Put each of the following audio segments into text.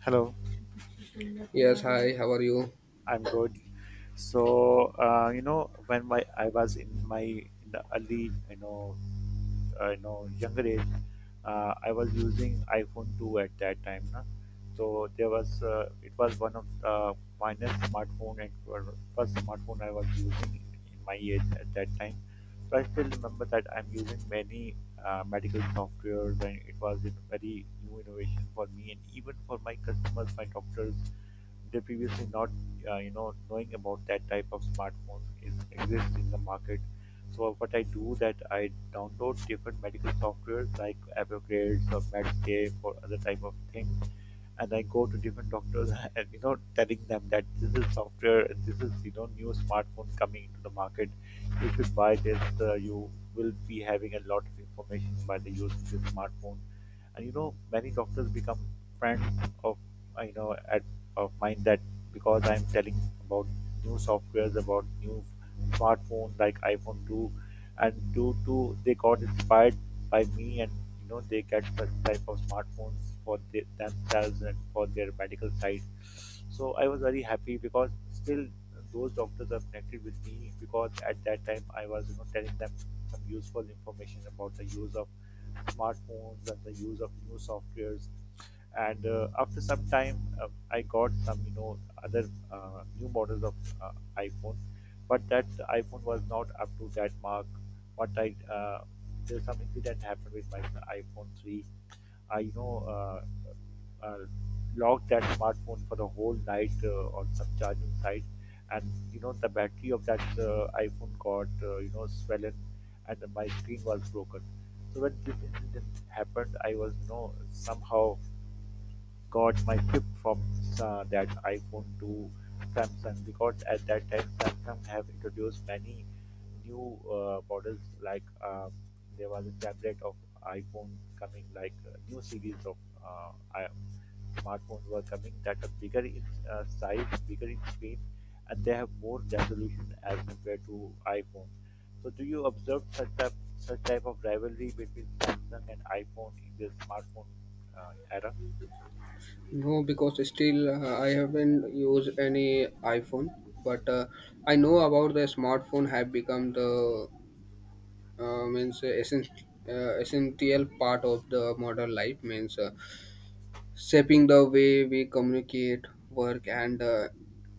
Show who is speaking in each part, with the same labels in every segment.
Speaker 1: Hello,
Speaker 2: Yes, hi, how are you?
Speaker 1: I'm good. When my I was in my in the early, you know, younger age, I was using iPhone 2 at that time. Na? So there was it was one of the finest smartphone and first smartphone I was using in my age at that time. So I still remember that I'm using many medical software when it was a very new innovation for me and even for my customers, my doctors they previously not knowing about that type of smartphone is exists in the market. So what I do that I download different medical software like Apple or Medscape or other type of thing, and I go to different doctors and you know telling them that this is software and this is you know new smartphone coming into the market. If you buy this, you will be having a lot of information by the use of this smartphone. And you know many doctors become friends of you know at of mine that because I'm telling about new softwares, about new smartphones like iPhone 2, and due to they got inspired by me, and you know they get such type of smartphones for the, themselves and for their medical side. So I was very happy because still those doctors are connected with me, because at that time I was you know telling them some useful information about the use of smartphones and the use of new softwares. And after some time I got some you know other new models of uh, iPhone, but that iPhone was not up to that mark. But I There's some incident happened with my iPhone 3. I uh, locked that smartphone for the whole night on some charging site, and you know the battery of that iPhone got swollen, and my screen was broken. So when this incident happened, I was you know somehow got my flip from that iPhone to Samsung, because at that time Samsung have introduced many new models like there was a tablet of iPhone coming like new series of uh, i- smartphones were coming that are bigger in size, bigger in screen, and they have more resolution as compared to iPhone. So, do you observe such type of rivalry between Samsung and iPhone in the smartphone era?
Speaker 2: No, because still I haven't used any iPhone, but I know about the smartphone have become the means essential part of the modern life, means shaping the way we communicate, work, and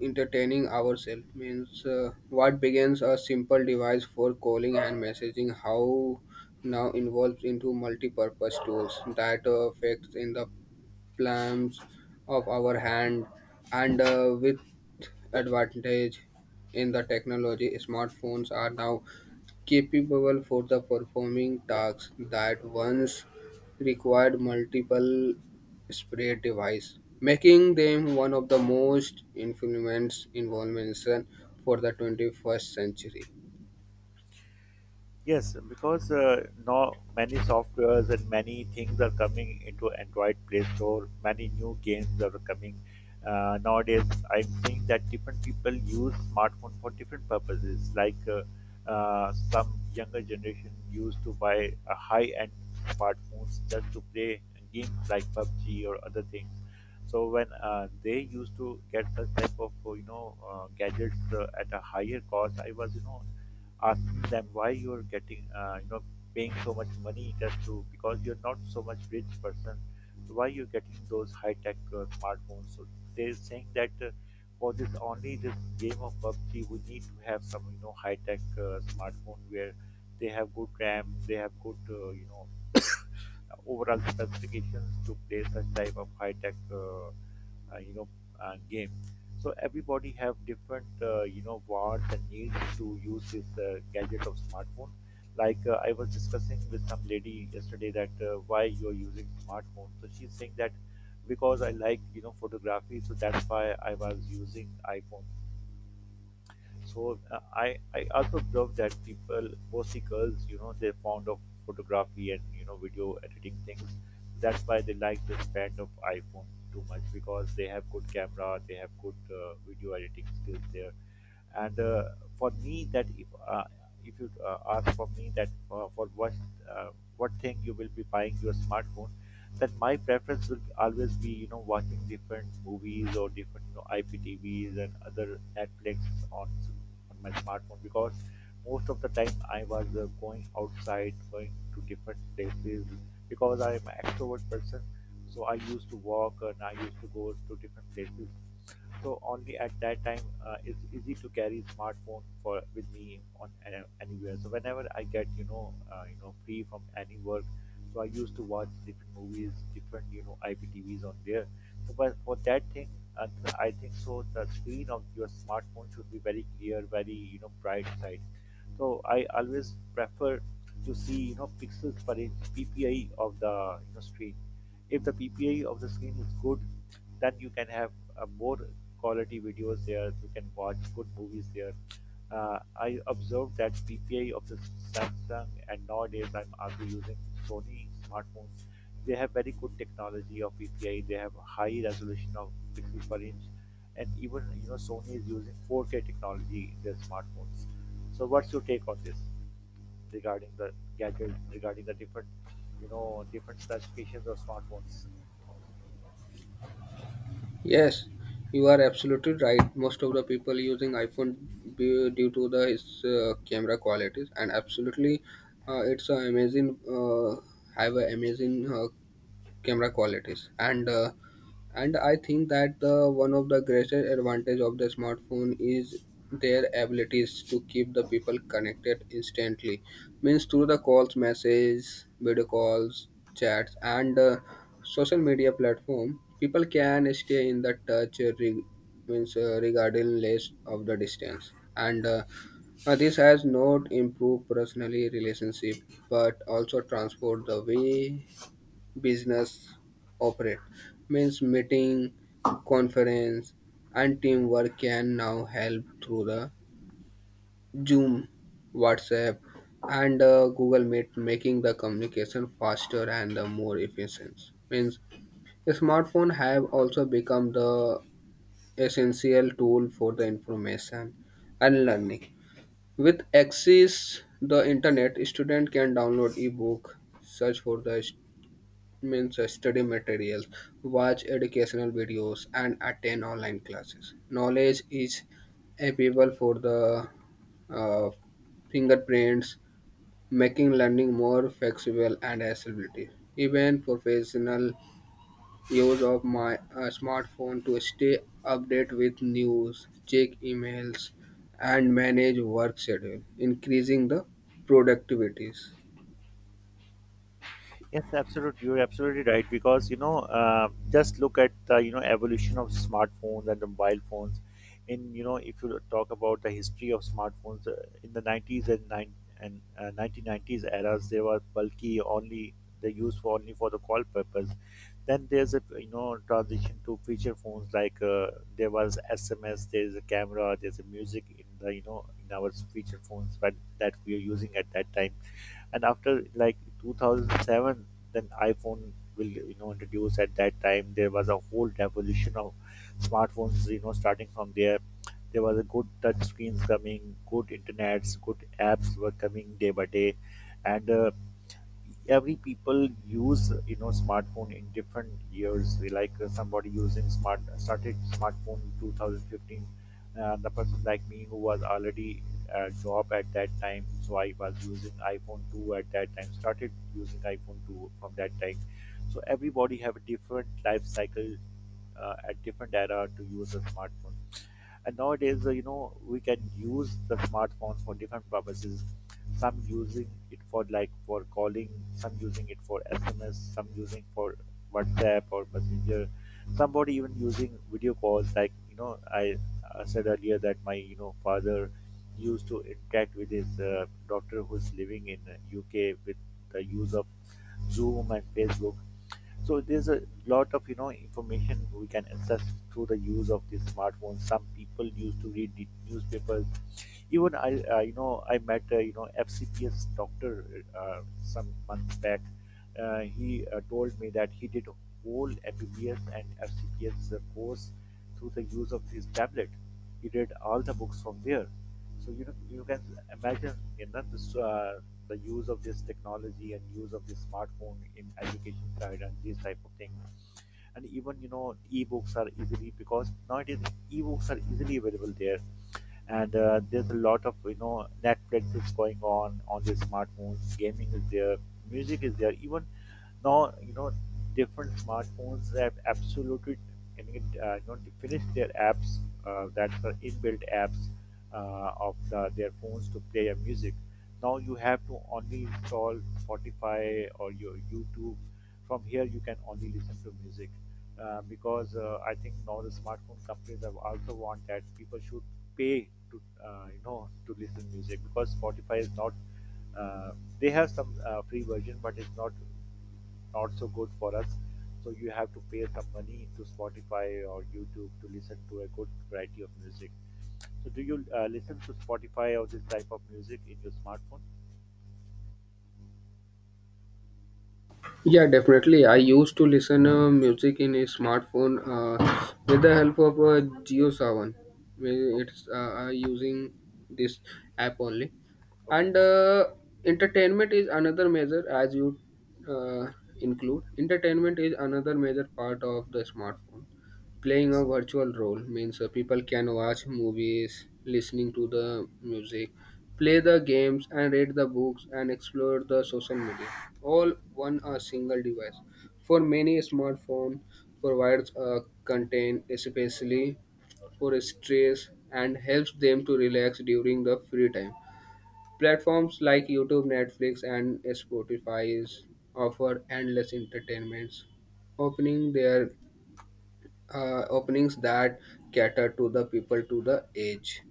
Speaker 2: entertaining ourselves. Means what begins a simple device for calling and messaging, how now involves into multi-purpose tools that affects in the palms of our hand and with advantage in the technology smartphones are now capable for the performing tasks that once required multiple spray device making them one of the most influence inventions for the 21st century.
Speaker 1: Yes, because now many softwares and many things are coming into Android Play Store. Many new games are coming nowadays. I'm seeing that different people use smartphone for different purposes. Some younger generation used to buy a high-end smartphones just to play games like PUBG or other things. So when they used to get such type of gadgets at a higher cost, I was you know ask them why you're getting paying so much money, just to because you're not so much rich person, so why you're getting those high tech smartphones. So they're saying that for this only this game of PUBG, we need to have some you know high tech smartphone where they have good RAM, they have good overall specifications to play such type of high tech uh, you know game. So everybody have different wants and needs to use this gadget of smartphone. Like I was discussing with some lady yesterday that why you're using smartphone, so she's saying that because I like you know photography, so that's why I was using iPhone. So uh, I also observed that people, mostly girls, you know, they're fond of photography and you know video editing things. That's why they like the brand of iPhone too much, because they have good camera, they have good video editing skills there. And for me that if you ask for me that for uh, what thing you will be buying your smartphone, then my preference will always be you know watching different movies or different you know IPTVs and other Netflix on on my smartphone, because most of the time I was going outside, going to different places, because I am an extrovert person. So I used to walk and I used to go to different places. So only at that time it's easy to carry smartphone for with me on anywhere. So whenever I get you know free from any work, so I used to watch different movies, different you know IPTVs on there. So but for that thing, uh, I think so. The screen of your smartphone should be very clear, very you know bright side. So I always prefer to see you know pixels per inch PPI of the you know screen. If the PPI of the screen is good, then you can have more quality videos there. You can watch good movies there. I observed that PPI of the Samsung, and nowadays I'm also using Sony smartphones. They have very good technology of PPI. They have high resolution of pixels per inch, and even you know Sony is using 4K technology in their smartphones. So what's your take on this regarding the gadgets, regarding the different you know different specifications of smartphones?
Speaker 2: Yes, you are absolutely right. Most of the people using iPhone due to the its camera qualities, and absolutely, it's a amazing. Have an amazing camera qualities, and I think that the one of the greatest advantage of the smartphone is their abilities to keep the people connected instantly, means through the calls, messages, video calls, chats, and social media platform, people can stay in the touch means regardless of the distance, and this has not improved personally relationship, but also transformed the way business operate, means meeting, conference, and teamwork can now help through the Zoom, WhatsApp, and Google Meet, making the communication faster and more efficient. Means smartphone have also become the essential tool for the information and learning. With access the internet, student can download ebook, search for the means study materials, watch educational videos, and attend online classes. Knowledge is available for the uh, fingerprints, making learning more flexible and accessibility. Even professional use of my smartphone to stay update with news, check emails, and manage work schedule, increasing the productivities.
Speaker 1: Yes, absolutely. You're absolutely right, because you know, just look at the you know evolution of smartphones and the mobile phones. In you know, if you talk about the history of smartphones, in the 90s and nine and uh, 1990s eras, they were bulky, only they used for only for the call purpose. Then there's a you know transition to feature phones. Like there was SMS, there's a camera, there's a music in the you know in our feature phones but that we are using at that time. And after like 2007, then iPhone will you know introduce. At that time there was a whole revolution of smartphones you know starting from there. There was a good touch screens coming, good internets, good apps were coming day by day. And every people use you know smartphone in different years. Like somebody using smart started smartphone in 2015. The person like me who was already a job at that time, so I was using iPhone 2 at that time, started using iPhone 2 from that time. So everybody have a different life cycle at different era to use a smartphone. And nowadays, you know, we can use the smartphones for different purposes. Some using it for like for calling, some using it for SMS, some using for WhatsApp or Messenger. Somebody even using video calls. Like you know, I said earlier that my you know father used to interact with his doctor who's living in UK with the use of Zoom and Facebook. So there's a lot of you know information we can access through the use of these smartphones. Some people used to read the newspapers. You know, I met FCPS doctor some months back. He told me that he did whole MBBS and FCPS course through the use of this tablet. He read all the books from there. So you know, you can imagine you know, this, the use of this technology and use of this smartphone in education side and these type of things. And even you know, e-books are easily available there. And there's a lot of you know Netflix is going on the smartphones. Gaming is there, music is there. Even now, you know, different smartphones have absolutely finished their apps that are inbuilt apps of the, their phones to play your music. Now you have to only install Spotify or your YouTube. From here, you can only listen to music because I think now the smartphone companies have also want that people should pay to to listen music, because Spotify is not uh, they have some free version but it's not so good for us. So you have to pay some money to Spotify or YouTube to listen to a good variety of music. So do you listen to Spotify or this type of music in your smartphone?
Speaker 2: Yeah, definitely. I used to listen music in a smartphone with the help of GeoSavan, where
Speaker 1: Okay.
Speaker 2: it's using this app only,
Speaker 1: Okay.
Speaker 2: and entertainment is another major as you uh, include. Entertainment is another major part of the smartphone. Playing a
Speaker 1: Yes.
Speaker 2: virtual role, means people can watch movies, listening to the music, play the games, and read the books, and explore the social media all on a single device. For many, smartphone provides a content especially for stress and helps them to relax during the free time. Platforms like YouTube, Netflix, and Spotify offer endless entertainments, opening their openings that cater to the people to the age.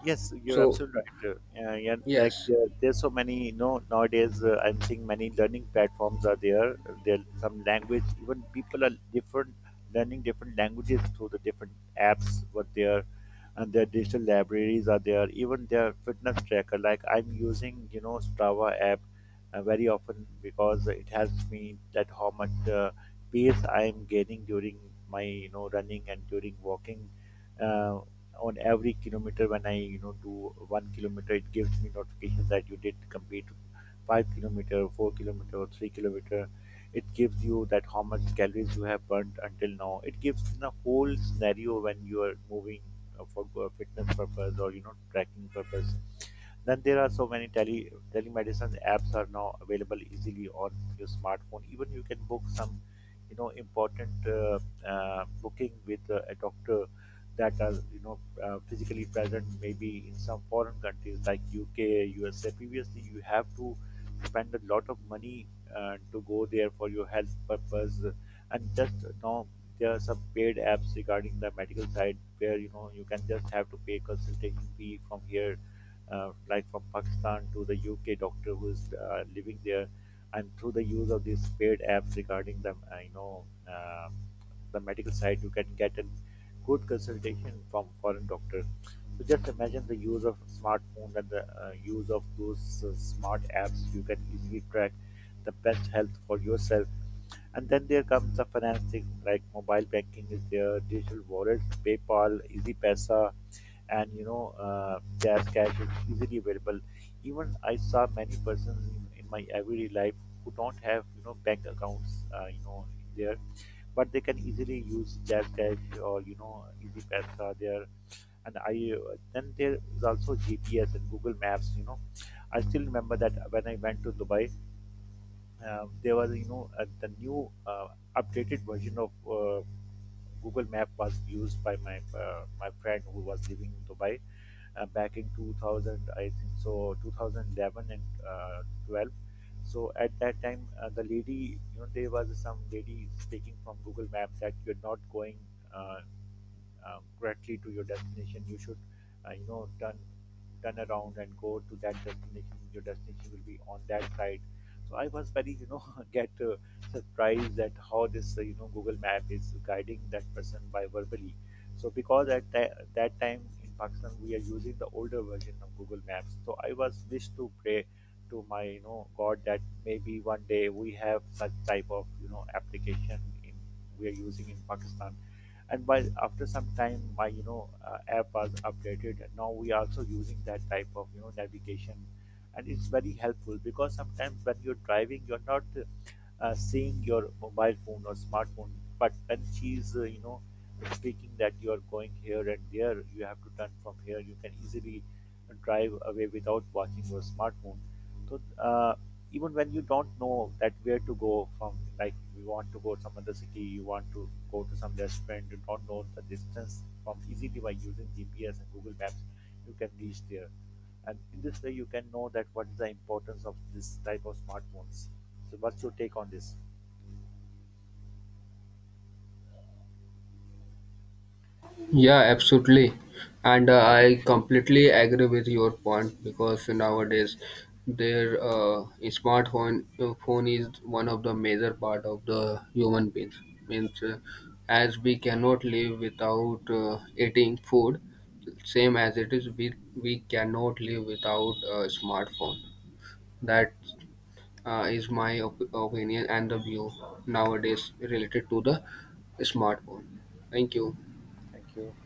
Speaker 1: Yes, you're
Speaker 2: So
Speaker 1: absolutely right. Yeah, like
Speaker 2: yes.
Speaker 1: there's so many, you know, nowadays I'm seeing many learning platforms are there. There some language, even people are different, learning different languages through the different apps. What there, and their digital libraries are there. Even their fitness tracker, like I'm using, Strava app very often because it helps me that how much pace I'm gaining during my, running and during walking. Uh, on every kilometer when I do 1 kilometer, it gives me notifications that you did complete 5 kilometer, 4 kilometer, or 3 kilometer. It gives you that how much calories you have burnt until now. It gives the whole scenario when you are moving for fitness purpose or tracking purpose. Then there are so many telemedicine apps are now available easily on your smartphone. Even you can book some, you know, important booking with a doctor that are physically present maybe in some foreign countries like UK, USA. Previously, you have to spend a lot of money to go there for your health purpose, and just now there are some paid apps regarding the medical side where you can just have to pay consultation fee from here, like from Pakistan to the UK doctor who is living there. And through the use of these paid apps regarding the medical side, you can get a good consultation from foreign doctor. So just imagine the use of smartphone and the use of those smart apps. You can easily track the best health for yourself. And then there comes the financing, like mobile banking is there, digital wallets, PayPal, EasyPesa, and Jazz Cash is easily available. Even I saw many persons in my everyday life who don't have bank accounts, there, but they can easily use JazzCash or Easy Pesa there. And I Then there is also GPS and Google Maps. You know, I still remember that when I went to Dubai, there was the new updated version of Google Map was used by my friend who was living in Dubai back in 2000, I think so, 2011 and 12. So at that time, the lady, you know, there was some lady speaking from Google Map that you're not going Uh, correctly to your destination. You should, uh, you know, turn turn around and go to that destination. Your destination will be on that side. So I was very, you know, get surprised at how this, Google Map is guiding that person by verbally. So because at that time in Pakistan we are using the older version of Google Maps. So I was wish to pray to my, God that maybe one day we have such type of, application in we are using in Pakistan, and by after some time my app was updated, and now we are also using that type of navigation. And it's very helpful because sometimes when you're driving you're not seeing your mobile phone or smartphone, but when she's speaking that you're going here and there, you have to turn from here, you can easily drive away without watching your smartphone. so uh, Even when you don't know that where to go from, like you want to go to some other city, you want to go to some restaurant, you don't know the distance, from easily by using GPS and Google Maps, you can reach there. And in this way, you can know that what is the importance of this type of smartphones. So, what's your take on this?
Speaker 2: Yeah, absolutely. And I completely agree with your point, because nowadays their smartphone phone is one of the major part of the human beings. Means as we cannot live without eating food, same as it is, we cannot live without a smartphone. That is my opinion and the view nowadays related to the smartphone. Thank you.
Speaker 1: Thank you.